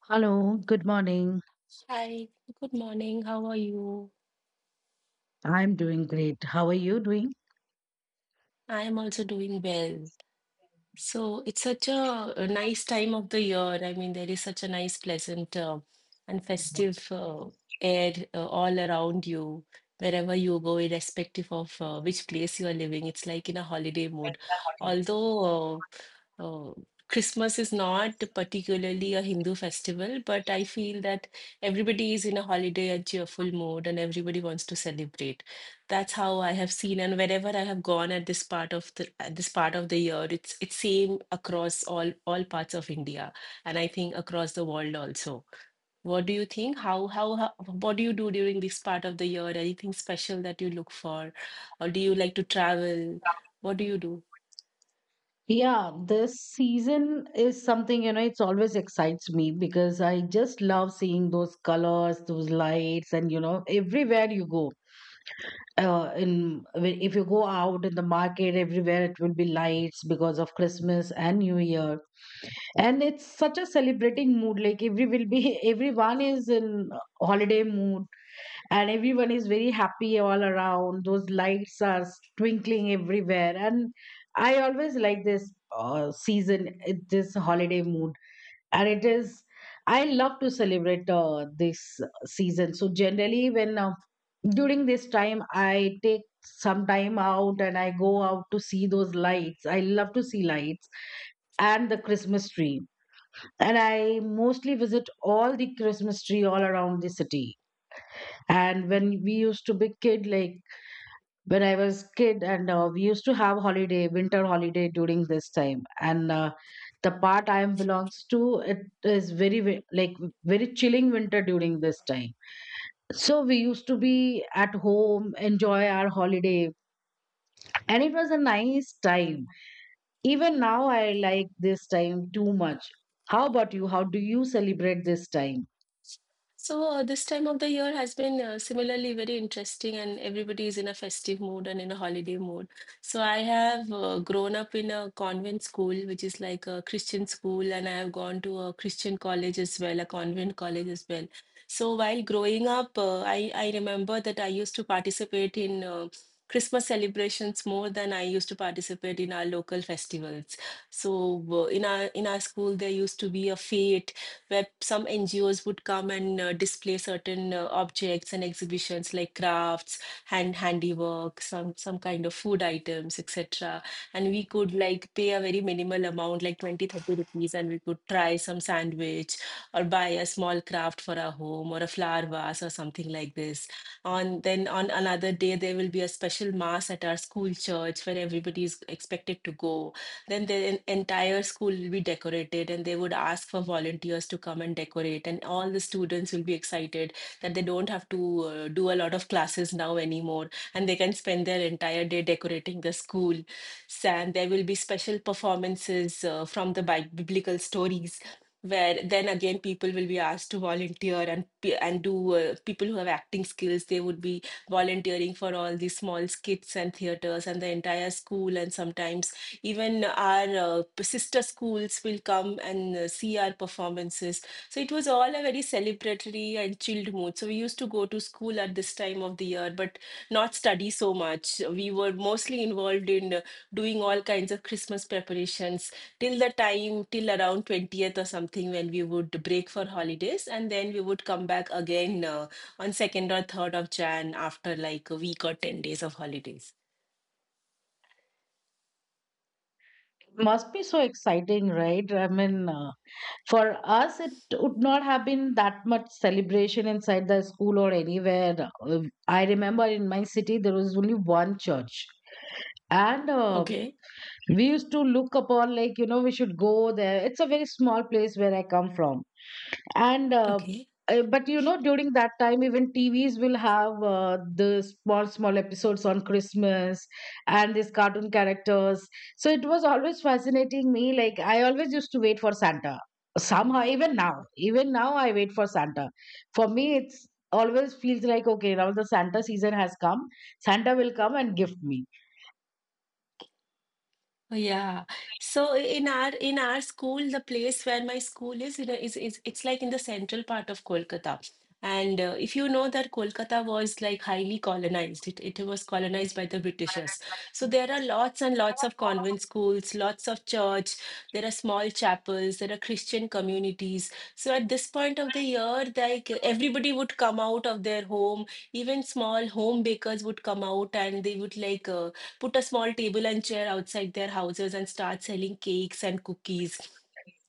Hello, good morning. Hi, good morning. How are you? I'm doing great. How are you doing? I am also doing well. So it's such a, nice time of the year. I mean, there is such a nice, pleasant, and festive air all around you. Wherever you go, irrespective of which place you are living, it's like in a holiday mode. Although uh, uh, Christmas is not particularly a Hindu festival, but I feel that everybody is in a holiday and cheerful mode, and everybody wants to celebrate. That's how I have seen, and wherever I have gone at this part of the year, it's same across all parts of India, and I think across the world also. What do you think? How what do you do during this part of the year? Anything special that you look for, or do you like to travel? What do you do? Yeah, this season is something, it's always excites me because I just love seeing those colors, those lights, and, everywhere you go. If you go out in the market, everywhere it will be lights because of Christmas and New Year, and it's such a celebrating mood. Like every will be everyone is in holiday mood, and everyone is very happy all around, those lights are twinkling everywhere, and I always like this season, this holiday mood, and it is, I love to celebrate this season. So generally, when during this time, I take some time out and I go out to see those lights. I love to see lights and the christmas tree, and I mostly visit all the christmas tree all around the city. And when we used to be kid, like when I was kid, and we used to have holiday, winter holiday during this time. And the part I am belongs to, it is like very chilling winter during this time. So we used to be at home, enjoy our holiday, and it was a nice time. Even now, I like this time too much. How about you? How do you celebrate this time? So, this time of the year has been similarly very interesting, and everybody is in a festive mood and in a holiday mood. So, I have grown up in a convent school, which is like a Christian school, and I have gone to a Christian college as well, a convent college as well. So, while growing up, I remember that I used to participate in Christmas celebrations more than I used to participate in our local festivals. So, in our school, there used to be a fete where some NGOs would come and display certain objects and exhibitions like crafts, handiwork, some kind of food items, etc. And we could like pay a very minimal amount, like 20-30 rupees, and we could try some sandwich or buy a small craft for our home or a flower vase or something like this. On another day, there will be a special mass at our school church where everybody is expected to go, then the entire school will be decorated and they would ask for volunteers to come and decorate, and all the students will be excited that they don't have to do a lot of classes now anymore and they can spend their entire day decorating the school. So, and there will be special performances from the biblical stories where then again people will be asked to volunteer and pe- and do people who have acting skills, they would be volunteering for all these small skits and theaters, and the entire school and sometimes even our sister schools will come and see our performances. So it was all a very celebratory and chilled mood. So we used to go to school at this time of the year, but not study so much. We were mostly involved in doing all kinds of Christmas preparations till around 20th or something, when we would break for holidays. And then we would come back again on 2nd or 3rd of Jan after like a week or 10 days of holidays. Must be so exciting, right? I mean, for us, it would not have been that much celebration inside the school or anywhere. I remember in my city, there was only one church. And Okay. we used to look upon like, you know, we should go there. It's a very small place where I come from, and Okay. But you know, during that time, even tvs will have the small small episodes on christmas and these cartoon characters. So it was always fascinating me, like I always used to wait for santa. Somehow, even now, I wait for santa. For me, it's always feels like, okay, now the santa season has come. Santa will come and gift me. Oh, yeah. So in our school, the place where my school is, you know, is it's like in the central part of Kolkata. And if you know that Kolkata was like highly colonized, it was colonized by the Britishers. So there are lots and lots of convent schools, lots of church, there are small chapels, there are Christian communities. So at this point of the year, like everybody would come out of their home, even small home bakers would come out and they would like put a small table and chair outside their houses and start selling cakes and cookies.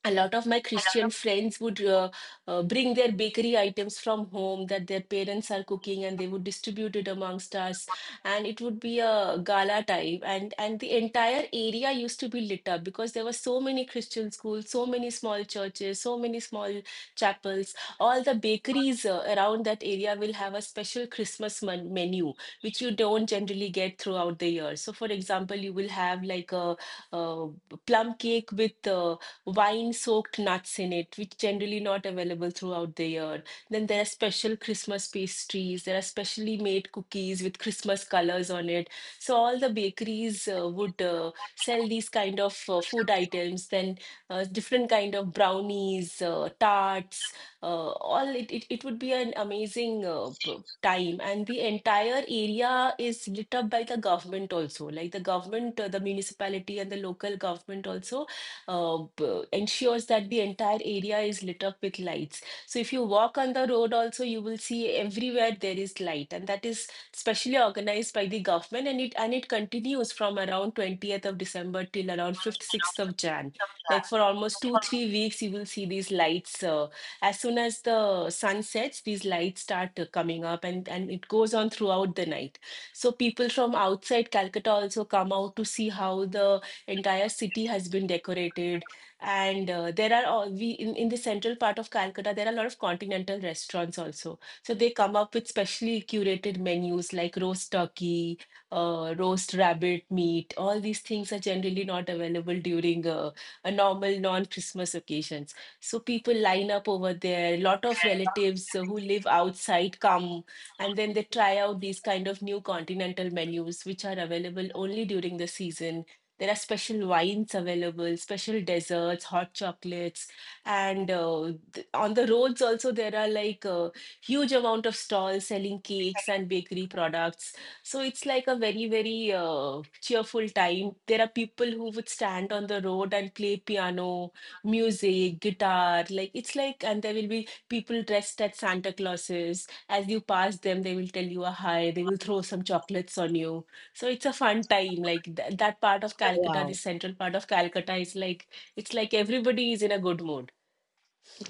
A lot of my Christian friends would bring their bakery items from home that their parents are cooking and they would distribute it amongst us. And it would be a gala type. And the entire area used to be lit up because there were so many Christian schools, so many small churches, so many small chapels. All the bakeries around that area will have a special Christmas menu which you don't generally get throughout the year. So, for example, you will have like uh plum cake with wine-soaked nuts in it, which generally not available throughout the year. Then there are special Christmas pastries. There are specially made cookies with Christmas colors on it. So all the bakeries would sell these kind of food items. Then different kind of brownies, tarts, all it would be an amazing time, and the entire area is lit up by the government also, like the government, the municipality and the local government also ensures that the entire area is lit up with lights. So if you walk on the road also, you will see everywhere there is light, and that is specially organized by the government, and it continues from around 20th of December till around 5th 6th of Jan, like for almost 2-3 weeks you will see these lights. As soon as the sun sets, these lights start coming up, and it goes on throughout the night. So people from outside Calcutta also come out to see how the entire city has been decorated. And there are all in the central part of Calcutta, there are a lot of continental restaurants also. So they come up with specially curated menus like roast turkey, roast rabbit meat. All these things are generally not available during a normal non-Christmas occasions. So people line up over there. A lot of relatives who live outside come, and then they try out these kind of new continental menus, which are available only during the season. There are special wines available, special desserts, hot chocolates, and on the roads also there are like a huge amount of stalls selling cakes and bakery products. So it's like a very, very cheerful time. There are people who would stand on the road and play piano music, guitar, like and there will be people dressed as Santa Clauses. As you pass them, they will tell you a hi, they will throw some chocolates on you. So it's a fun time. Like th that part of Calcutta, the Wow, central part of Calcutta is like, it's like everybody is in a good mood.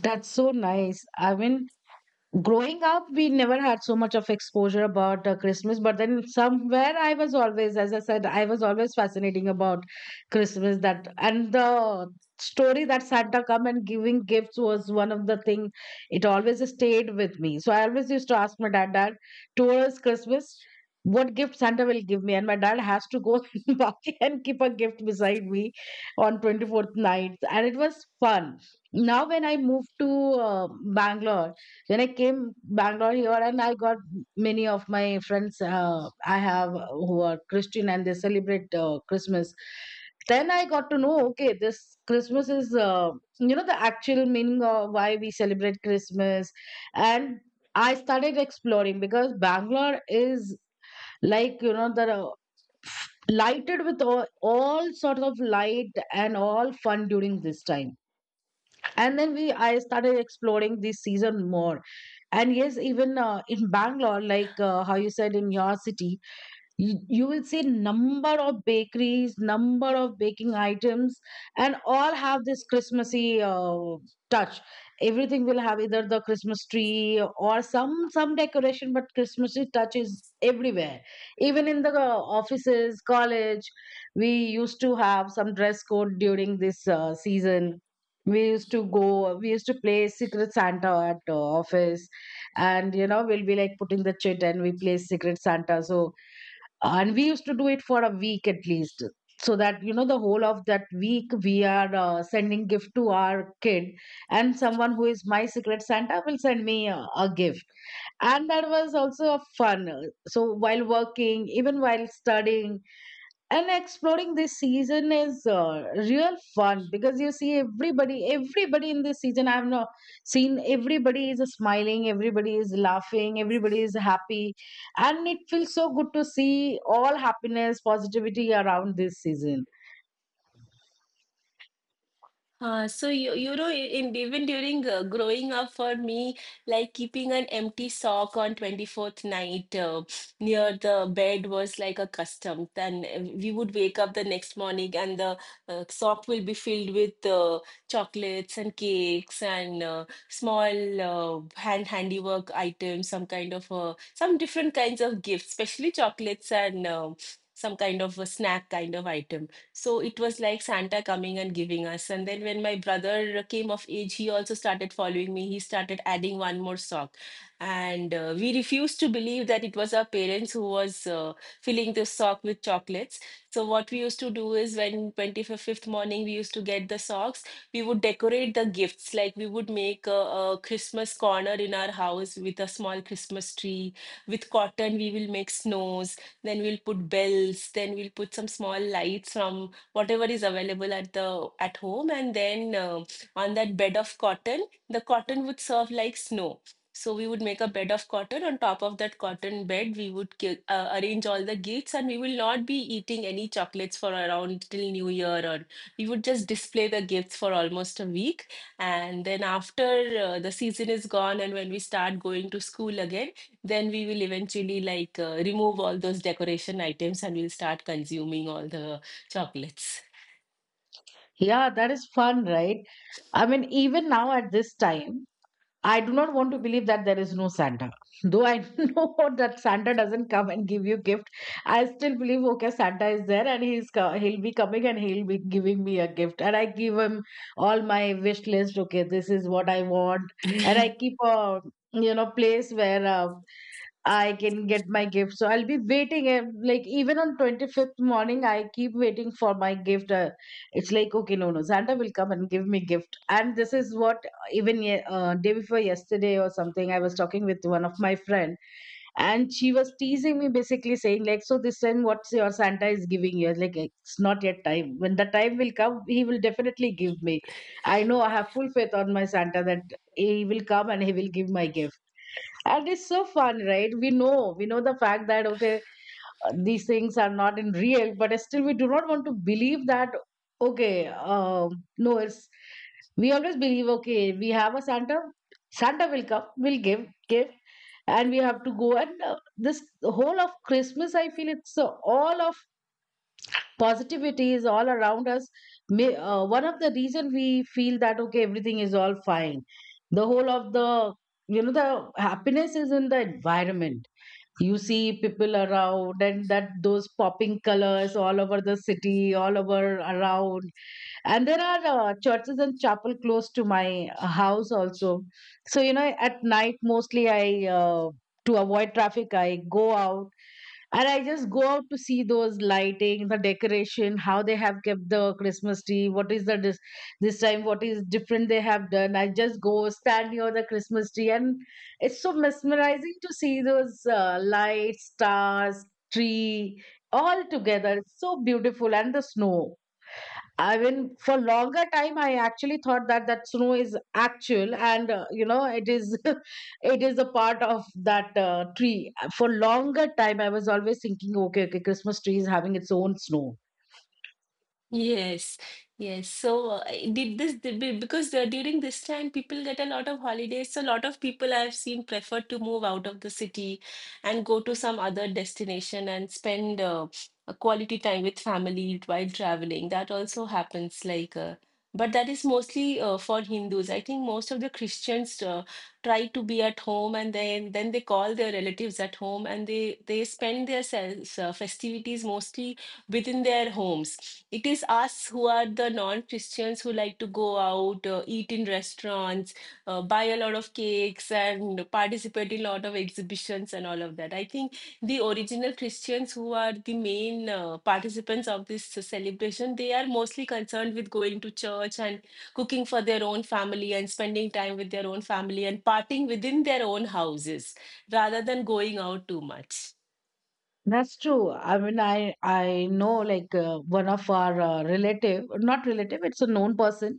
that's so nice. I mean, growing up, we never had so much of exposure about christmas, but then somewhere I was always, as I said, I was always fascinating about christmas. That, and the story that santa come and giving gifts was one of the thing, it always stayed with me. So I always used to ask my dad towards christmas what gift santa will give me. And my dad has to go buy and keep a gift beside me on 24th night, and it was fun. Now, when I moved to uh, bangalore, when I came Bangalore here, and I got many of my friends, I have who are Christian and they celebrate Christmas. Then I got to know, okay, this Christmas is you know, the actual meaning of why we celebrate Christmas. And I started exploring because Bangalore is, like, you know, the lighted with all sorts of light and all fun during this time. And then we I started exploring this season more. And yes, even in bangalore, like how you said in your city, you will see number of bakeries, number of baking items, and all have this christmassy touch. Everything will have either the christmas tree or some decoration, but christmassy touch is everywhere, even in the offices, college. We used to have some dress code during this season. We used to play secret santa at office. And you know, we'll be like putting the chit and we play secret santa. So, and we used to do it for a week at least, so that you know the whole of that week we are sending gift to our kid, and someone who is my secret santa will send me a gift, and that was also a fun. So while working, even while studying and exploring, this season is real fun because you see everybody, in this season. I've not seen, everybody is smiling, everybody is laughing, everybody is happy, and it feels so good to see all happiness, positivity around this season. So you you know I- in even during growing up for me, like keeping an empty sock on 24th night near the bed was like a custom. Then we would wake up the next morning and the sock will be filled with chocolates and cakes and small hand handiwork items, some kind of some different kinds of gifts, especially chocolates and some kind of a snack kind of item. So it was like Santa coming and giving us. And then when my brother came of age, he also started following me. He started adding one more sock. And we refused to believe that it was our parents who was filling the sock with chocolates. So what we used to do is when 25th morning we used to get the socks, we would decorate the gifts. Like we would make a Christmas corner in our house with a small Christmas tree. With cotton, we will make snows, then we'll put bells, then we'll put some small lights from whatever is available at home, and then on that bed of cotton, the cotton would serve like snow. So we would make a bed of cotton. On top of that cotton bed, we would arrange all the gifts, and we will not be eating any chocolates for around till New Year, or we would just display the gifts for almost a week. And then after the season is gone, and when we start going to school again, then we will eventually like remove all those decoration items and we'll start consuming all the chocolates. Yeah, that is fun, right? I mean, even now, at this time, I do not want to believe that there is no Santa. Though I know that Santa doesn't come and give you gift, I still believe, okay, Santa is there, and he'll be coming and he'll be giving me a gift. And I give him all my wish list. Okay, this is what I want, and I keep a, you know, place where I can get my gift. So I'll be waiting. Eh, like even on 25th morning, I keep waiting for my gift. It's like, okay, no, no, Santa will come and give me gift, and this is what, even day before yesterday or something, I was talking with one of my friend, and she was teasing me, basically saying, like, so this time what's your santa is giving you. I was like, it's not yet time. When the time will come, he will definitely give me. I know, I have full faith on my santa that he will come and he will give my gift. And it's so fun, right? We know the fact that, okay, these things are not in real, but still we do not want to believe that, okay, no, it's, we always believe, okay, we have a santa. Santa will come, will give gift, and we have to go. And this whole of christmas, I feel it's all of positivity is all around us. May, one of the reason we feel that okay, everything is all fine, the whole of the, you know, the happiness is in the environment. You see people around, and that those popping colors all over the city, all over around. And there are churches and chapel close to my house also. So you know, at night mostly, I to avoid traffic, I go out, and I just go out to see those lighting, the decoration, how they have kept the Christmas tree, what is the this time, what is different they have done. I just go stand near the Christmas tree, and it's so mesmerizing to see those lights, stars, tree, all together. It's so beautiful, and the snow. I mean, for longer time, I actually thought that that snow is actual, and you know, it is, it is a part of that tree. For longer time, I was always thinking, okay, okay, Christmas tree is having its own snow. Yes, yes. So, I did this did be- because during this time, people get a lot of holidays. So, a lot of people I've seen prefer to move out of the city and go to some other destination and spend a quality time with family while traveling. That also happens, like, but that is mostly for Hindus. I think most of the Christians try to be at home and then they call their relatives at home and they spend their festivities mostly within their homes. It is us who are the non Christians who like to go out, eat in restaurants, buy a lot of cakes, and participate in a lot of exhibitions and all of that. I think the original Christians who are the main participants of this celebration, they are mostly concerned with going to church and cooking for their own family and spending time with their own family and partying within their own houses rather than going out too much. That's true. I mean, I know, like one of our relative, not relative, it's a known person.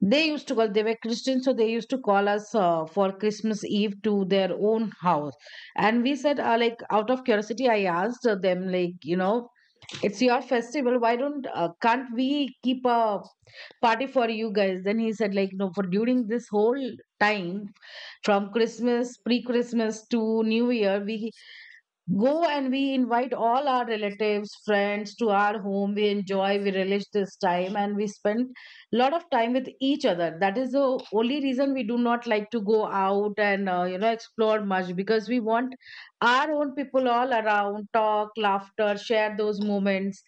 They used to call. They were Christian, so they used to call us for Christmas Eve to their own house. And we said, like, out of curiosity, I asked them, like, you know, it's your festival. Why don't can't we keep a party for you guys? Then he said, like, no, for during this whole time, from christmas, pre christmas, to new year, we go, and we invite all our relatives, friends to our home. We enjoy, we relish this time, and we spend a lot of time with each other. That is the only reason we do not like to go out and you know, explore much, because we want our own people all around, talk, laughter, share those moments.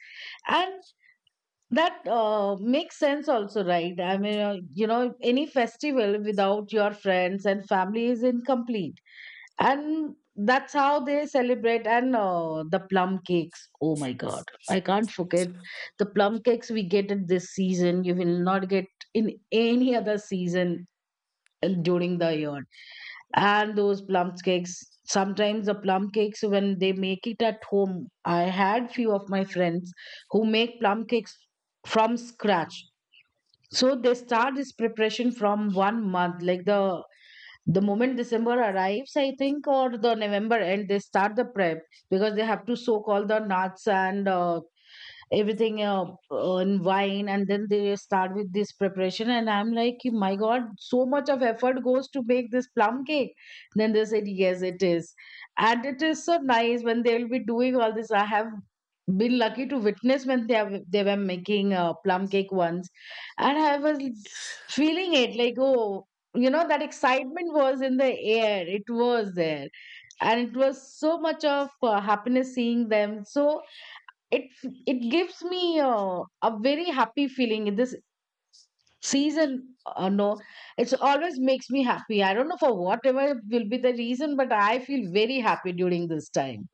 And that makes sense also, right? I mean, any festival without your friends and family is incomplete, and that's how they celebrate. And the plum cakes, oh my god, I can't forget the plum cakes. We get it this season, you will not get in any other season and during the year. And those plum cakes, sometimes the plum cakes when they make it at home, I had few of my friends who make plum cakes from scratch. So they start this preparation from one month, like the moment December arrives, I think, or the November end, they start the prep because they have to soak all the nuts and everything in wine, and then they start with this preparation. And I'm like, my god, so much of effort goes to make this plum cake. Then they said yes it is, and it is so nice when they will be doing all this. I have been lucky to witness when they were making plum cake once, and I was feeling it like, oh, you know, that excitement was in the air, it was there. And it was so much of happiness seeing them. So it it gives me a very happy feeling in this season. No, it's always makes me happy. I don't know for whatever will be the reason, but I feel very happy during this time.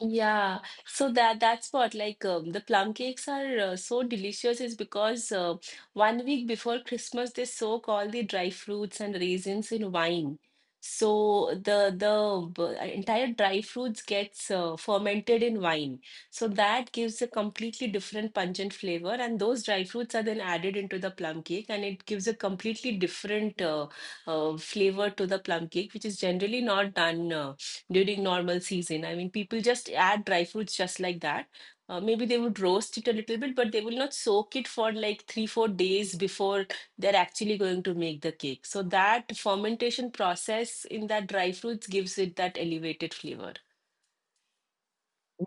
Yeah, so that's what, like, the plum cakes are so delicious is because, one week before Christmas, they soak all the dry fruits and raisins in wine. So the entire dry fruits gets fermented in wine. So that gives a completely different pungent flavor, and those dry fruits are then added into the plum cake, and it gives a completely different flavor to the plum cake, which is generally not done. During normal season. I mean, people just add dry fruits just like that. Maybe they would roast it a little bit, but they will not soak it for like 3, 4 days before they're actually going to make the cake. So that fermentation process in that dry fruits gives it that elevated flavor.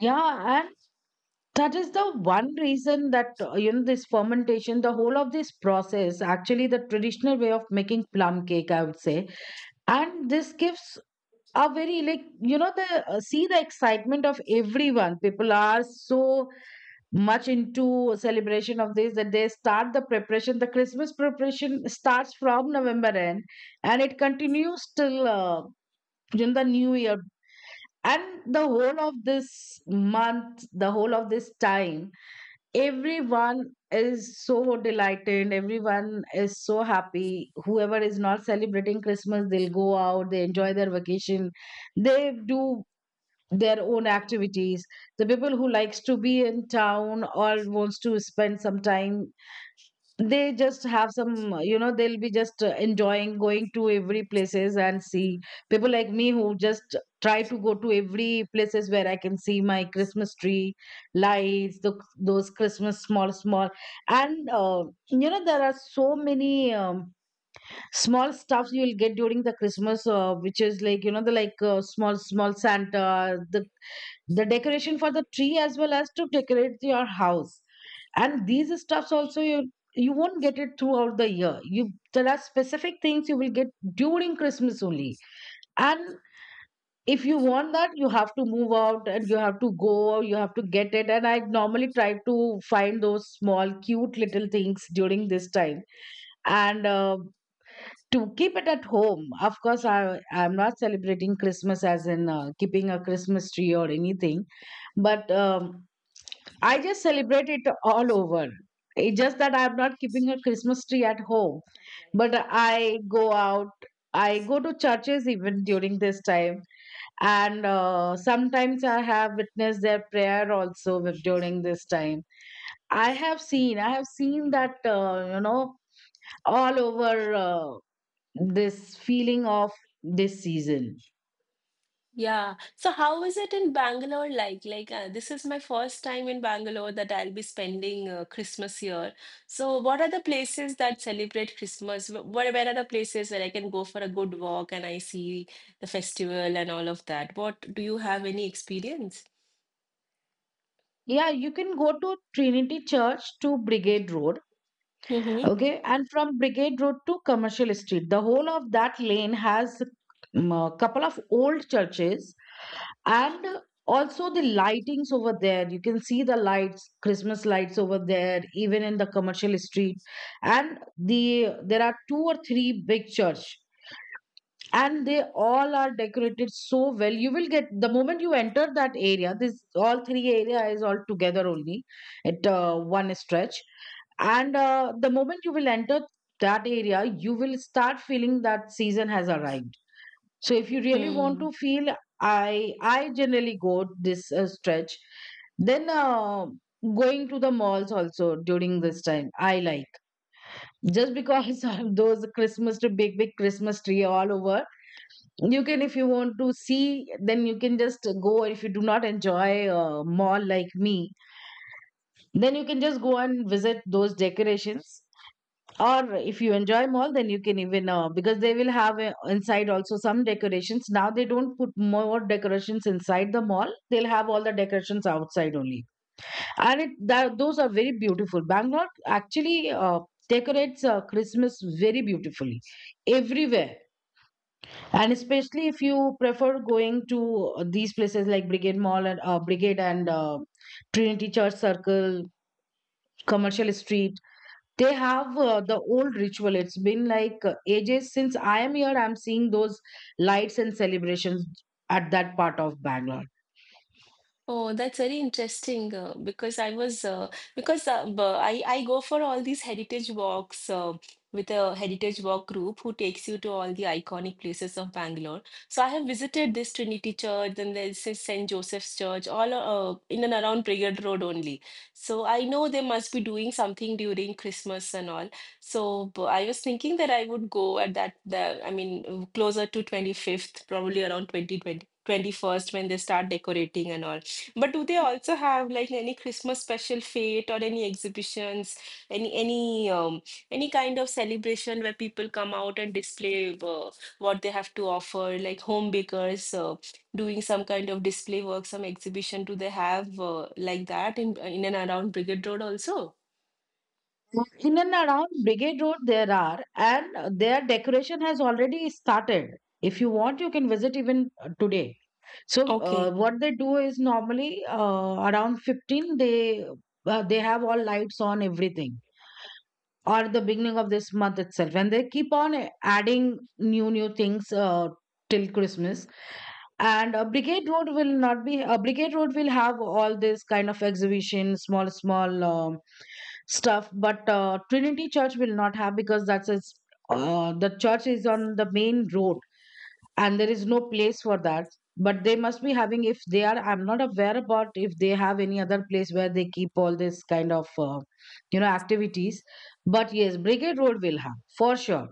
Yeah, and that is the one reason that this fermentation, the whole of this process, actually the traditional way of making plum cake, I would say. And this gives a very, like, you know, the see the excitement of everyone. People are so much into celebration of this that they start the preparation, the Christmas preparation, starts from November end, and it continues till in the new year. And the whole of this month, the whole of this time, everyone is so delighted, everyone is so happy. Whoever is not celebrating Christmas, they'll go out, they enjoy their vacation, they do their own activities. The people who likes to be in town or wants to spend some time, they just have some, you know, they'll be just enjoying, going to every places and see. People like me who just try to go to every places where I can see my Christmas tree lights, those Christmas small small, and you know, there are so many small stuffs you'll get during the Christmas, which is like, you know, the like small small Santa, the decoration for the tree as well as to decorate your house. And these stuffs also, you won't get it throughout the year. You, there are specific things you will get during Christmas only. And if you want that, you have to move out and you have to go, or you have to get it. And I normally try to find those small cute little things during this time, and to keep it at home. Of course, I'm not celebrating Christmas as in keeping a Christmas tree or anything, but I just celebrate it all over. It's just that I'm not keeping a Christmas tree at home, but I go out. I go to churches even during this time, and sometimes I have witnessed their prayer also during this time. I have seen that all over, this feeling of this season. Yeah. So how is it in Bangalore like? Like, this is my first time in Bangalore that I'll be spending Christmas here. So what are the places that celebrate Christmas? Where are the places where I can go for a good walk and I see the festival and all of that? What, do you have any experience? Yeah, you can go to Trinity Church to Brigade Road. Okay, and from Brigade Road to Commercial Street, the whole of that lane has a couple of old churches, and also the lightings over there. You can see the lights, Christmas lights over there, even in the Commercial Street. And there are two or three big church, and they all are decorated so well. You will get the moment you enter that area, this all three area is all together only at one stretch. And the moment you will enter that area, you will start feeling that season has arrived. So if you really want Mm-hmm. to feel, I generally go this stretch. Then going to the malls also during this time I like, just because of those Christmas tree, big big Christmas tree all over. You can, if you want to see, then you can just go. If you do not enjoy a mall like me, then you can just go and visit those decorations. Or if you enjoy mall, then you can even because they will have inside also some decorations. Now they don't put more decorations inside the mall, they'll have all the decorations outside only. And those are very beautiful. Bangalore actually decorates Christmas very beautifully everywhere. And especially if you prefer going to these places like Brigade Mall and Brigade and Trinity Church Circle, Commercial Street, they have the old ritual. It's been like ages since I am here. I'm seeing those lights and celebrations at that part of Bangalore. Oh, that's very interesting because I was because b- I go for all these heritage walks with a heritage walk group who takes you to all the iconic places of Bangalore. So I have visited this Trinity Church, and there's this St. Joseph's Church, all in and around Brigade Road only. So I know they must be doing something during Christmas and all. So I was thinking that I would go, at that the I mean, closer to 25th, probably around twenty twenty twenty first when they start decorating and all, but do they also have like any Christmas special fete or any exhibitions, any any um, any kind of celebration where people come out and display what they have to offer, like home bakers doing some kind of display work, some exhibition? Do they have like that in and around Brigade Road also? In and around Brigade Road, there are, and their decoration has already started. If you want, you can visit even today. So Okay. what they do is normally around 15 they have all lights on everything, or the beginning of this month itself, and they keep on adding new new things till Christmas. And Brigade Road will not be Brigade Road will have all this kind of exhibition, small small stuff. But Trinity Church will not have, because that's a, the church is on the main road, and there is no place for that. But they must be having, if they are, I'm not aware about if they have any other place where they keep all this kind of activities. But yes, Brigade Road will have for sure.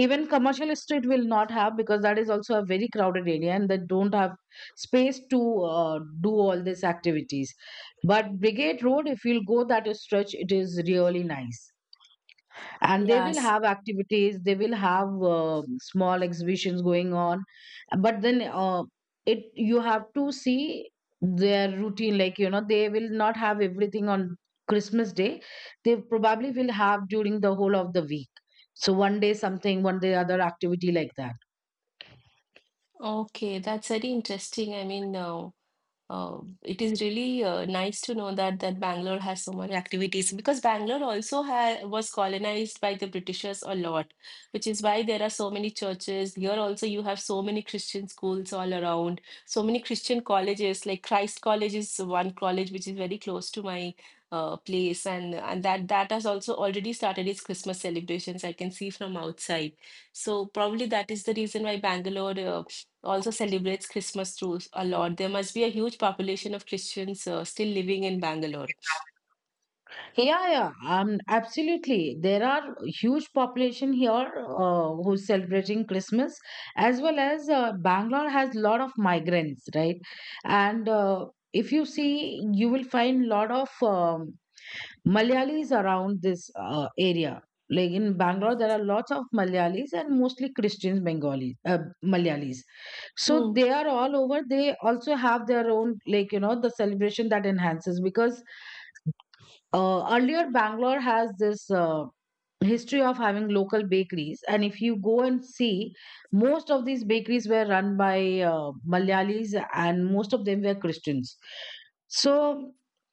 Even Commercial Street will not have, because that is also a very crowded area and they don't have space to do all these activities. But Brigade Road, if you'll go that stretch, it is really nice, and they will Yes. have activities. They will have small exhibitions going on. But then it, you have to see their routine, like, you know, they will not have everything on Christmas day. They probably will have during the whole of the week, so one day something, one day other activity, like that. Okay, that's very interesting. I mean, it is really nice to know that Bangalore has so many activities because Bangalore also ha was colonized by the Britishers a lot, which is why there are so many churches. Here also you have so many Christian schools all around, so many Christian colleges. Like Christ College is one college which is very close to my place, and that has also already started its Christmas celebrations. I can see from outside. So probably that is the reason why Bangalore also celebrates Christmas too a lot. There must be a huge population of Christians still living in Bangalore. Yeah, yeah, absolutely. There are huge population here who's celebrating Christmas, as well as Bangalore has lot of migrants, right? And if you see, you will find lot of Malayalis around this area. Like in Bangalore, there are lots of Malayalis and mostly Christians, Bengali, Malayalis. So Hmm. they are all over. They also have their own, like, you know, the celebration that enhances because earlier, Bangalore has this history of having local bakeries, and if you go and see, most of these bakeries were run by Malayalis, and most of them were Christians. So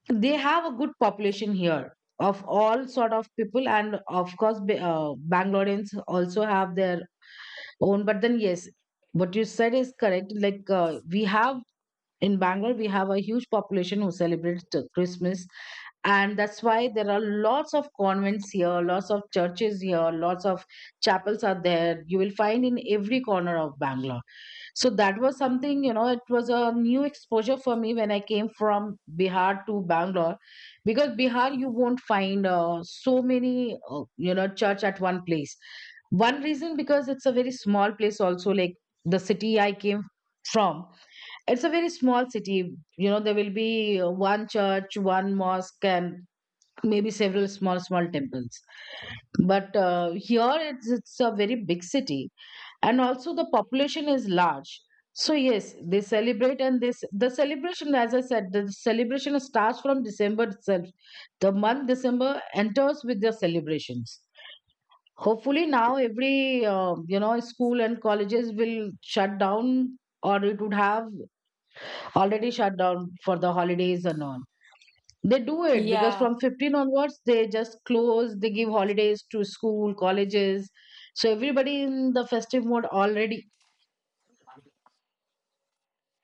they have a good population here of all sort of people, and of course, Bangaloreans also have their own. But then, yes, what you said is correct. Like we have, in Bangalore, we have a huge population who celebrates Christmas, and that's why there are lots of convents here, lots of churches here, lots of chapels are there. You will find in every corner of Bangalore. So that was something, you know, it was a new exposure for me when I came from Bihar to Bangalore, because Bihar you won't find so many church at one place. One reason, because it's a very small place also, like the city I came from, it's a very small city. You know, there will be one church, one mosque, and maybe several small small temples. But here it's a very big city, and also the population is large. So yes, they celebrate. And this, the celebration, as I said, the celebration starts from December itself. The month December enters with their celebrations. Hopefully now every school and colleges will shut down, or it would have already shut down for the holidays and all. They do it because Yeah. from 15 onwards, they just close, they give holidays to school, colleges. So everybody in the festive mode already.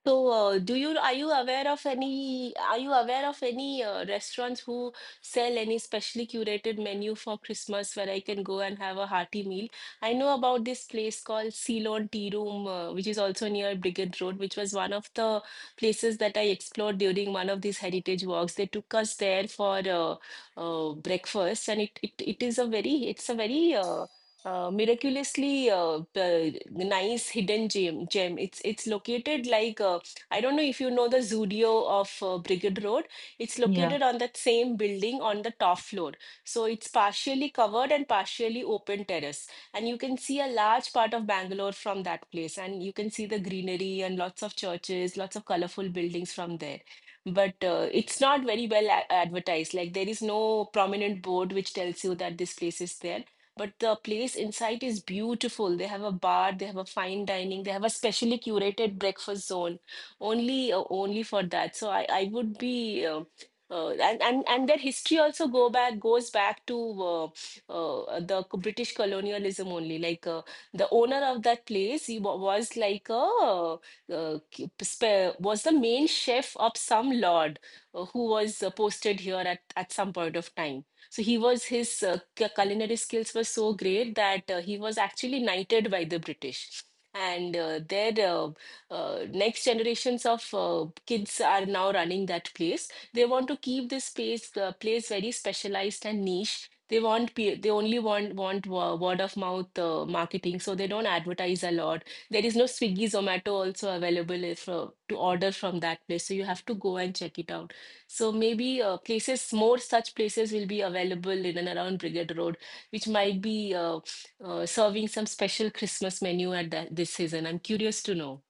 So, do you are you aware of any restaurants who sell any specially curated menu for Christmas where I can go and have a hearty meal? I know about this place called Ceylon Tea Room, which is also near Brigade Road, which was one of the places that I explored during one of these heritage walks. They took us there for breakfast, and it is a very it's a very miraculously the nice hidden gem. It's located, like, I don't know if you know the Zudio of Brigade Road. It's Yeah. located on that same building on the top floor, so it's partially covered and partially open terrace, and you can see a large part of Bangalore from that place, and you can see the greenery and lots of churches, lots of colorful buildings from there. But it's not very well advertised, like there is no prominent board which tells you that this place is there. But the place inside is beautiful. They have a bar, they have a fine dining, they have a specially curated breakfast zone only for that. So I would be And their history also go back goes back to British colonialism only. Like, the owner of that place, he was like a k- spe- was the main chef of some lord, who was posted here at some point of time. So he was His culinary skills were so great that he was actually knighted by the British. And their next generations of kids are now running that place. They want to keep this place very specialized and niche. They only word of mouth marketing, so they don't advertise a lot. There is no Swiggy, Zomato also available if, to order from that place, so you have to go and check it out. So maybe more such places will be available in and around Brigade Road, which might be serving some special Christmas menu this season. I'm curious to know.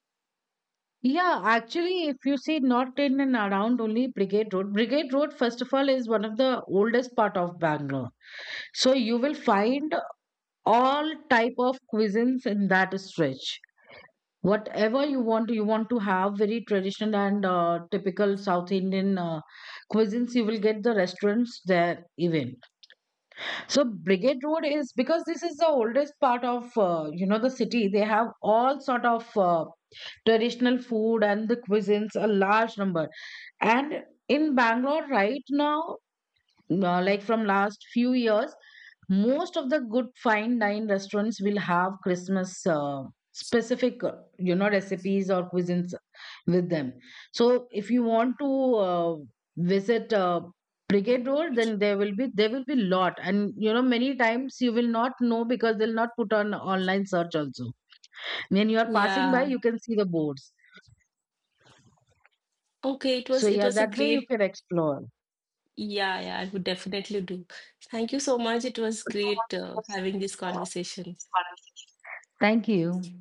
Yeah, actually, if you see, not in and around only Brigade Road. Brigade Road, first of all, is one of the oldest part of Bangalore. So you will find all type of cuisines in that stretch. Whatever you want to have very traditional and typical South Indian cuisines, you will get the restaurants there even. So Brigade Road is, because this is the oldest part of the city, they have all sort of traditional food and the cuisines, a large number. And in Bangalore right now, like from last few years, most of the good fine dine restaurants will have Christmas specific recipes or cuisines with them. So if you want to uh, visit Brigade Road, then there will be, there will be lot. And you know, many times you will not know because they'll not put on online search also. When you are passing by, Yeah. you can see the boards. Okay, it So was it yeah, was a that way you great. can explore. Yeah, yeah, I would definitely do. Thank you so much. It was great having this conversation. Thank you.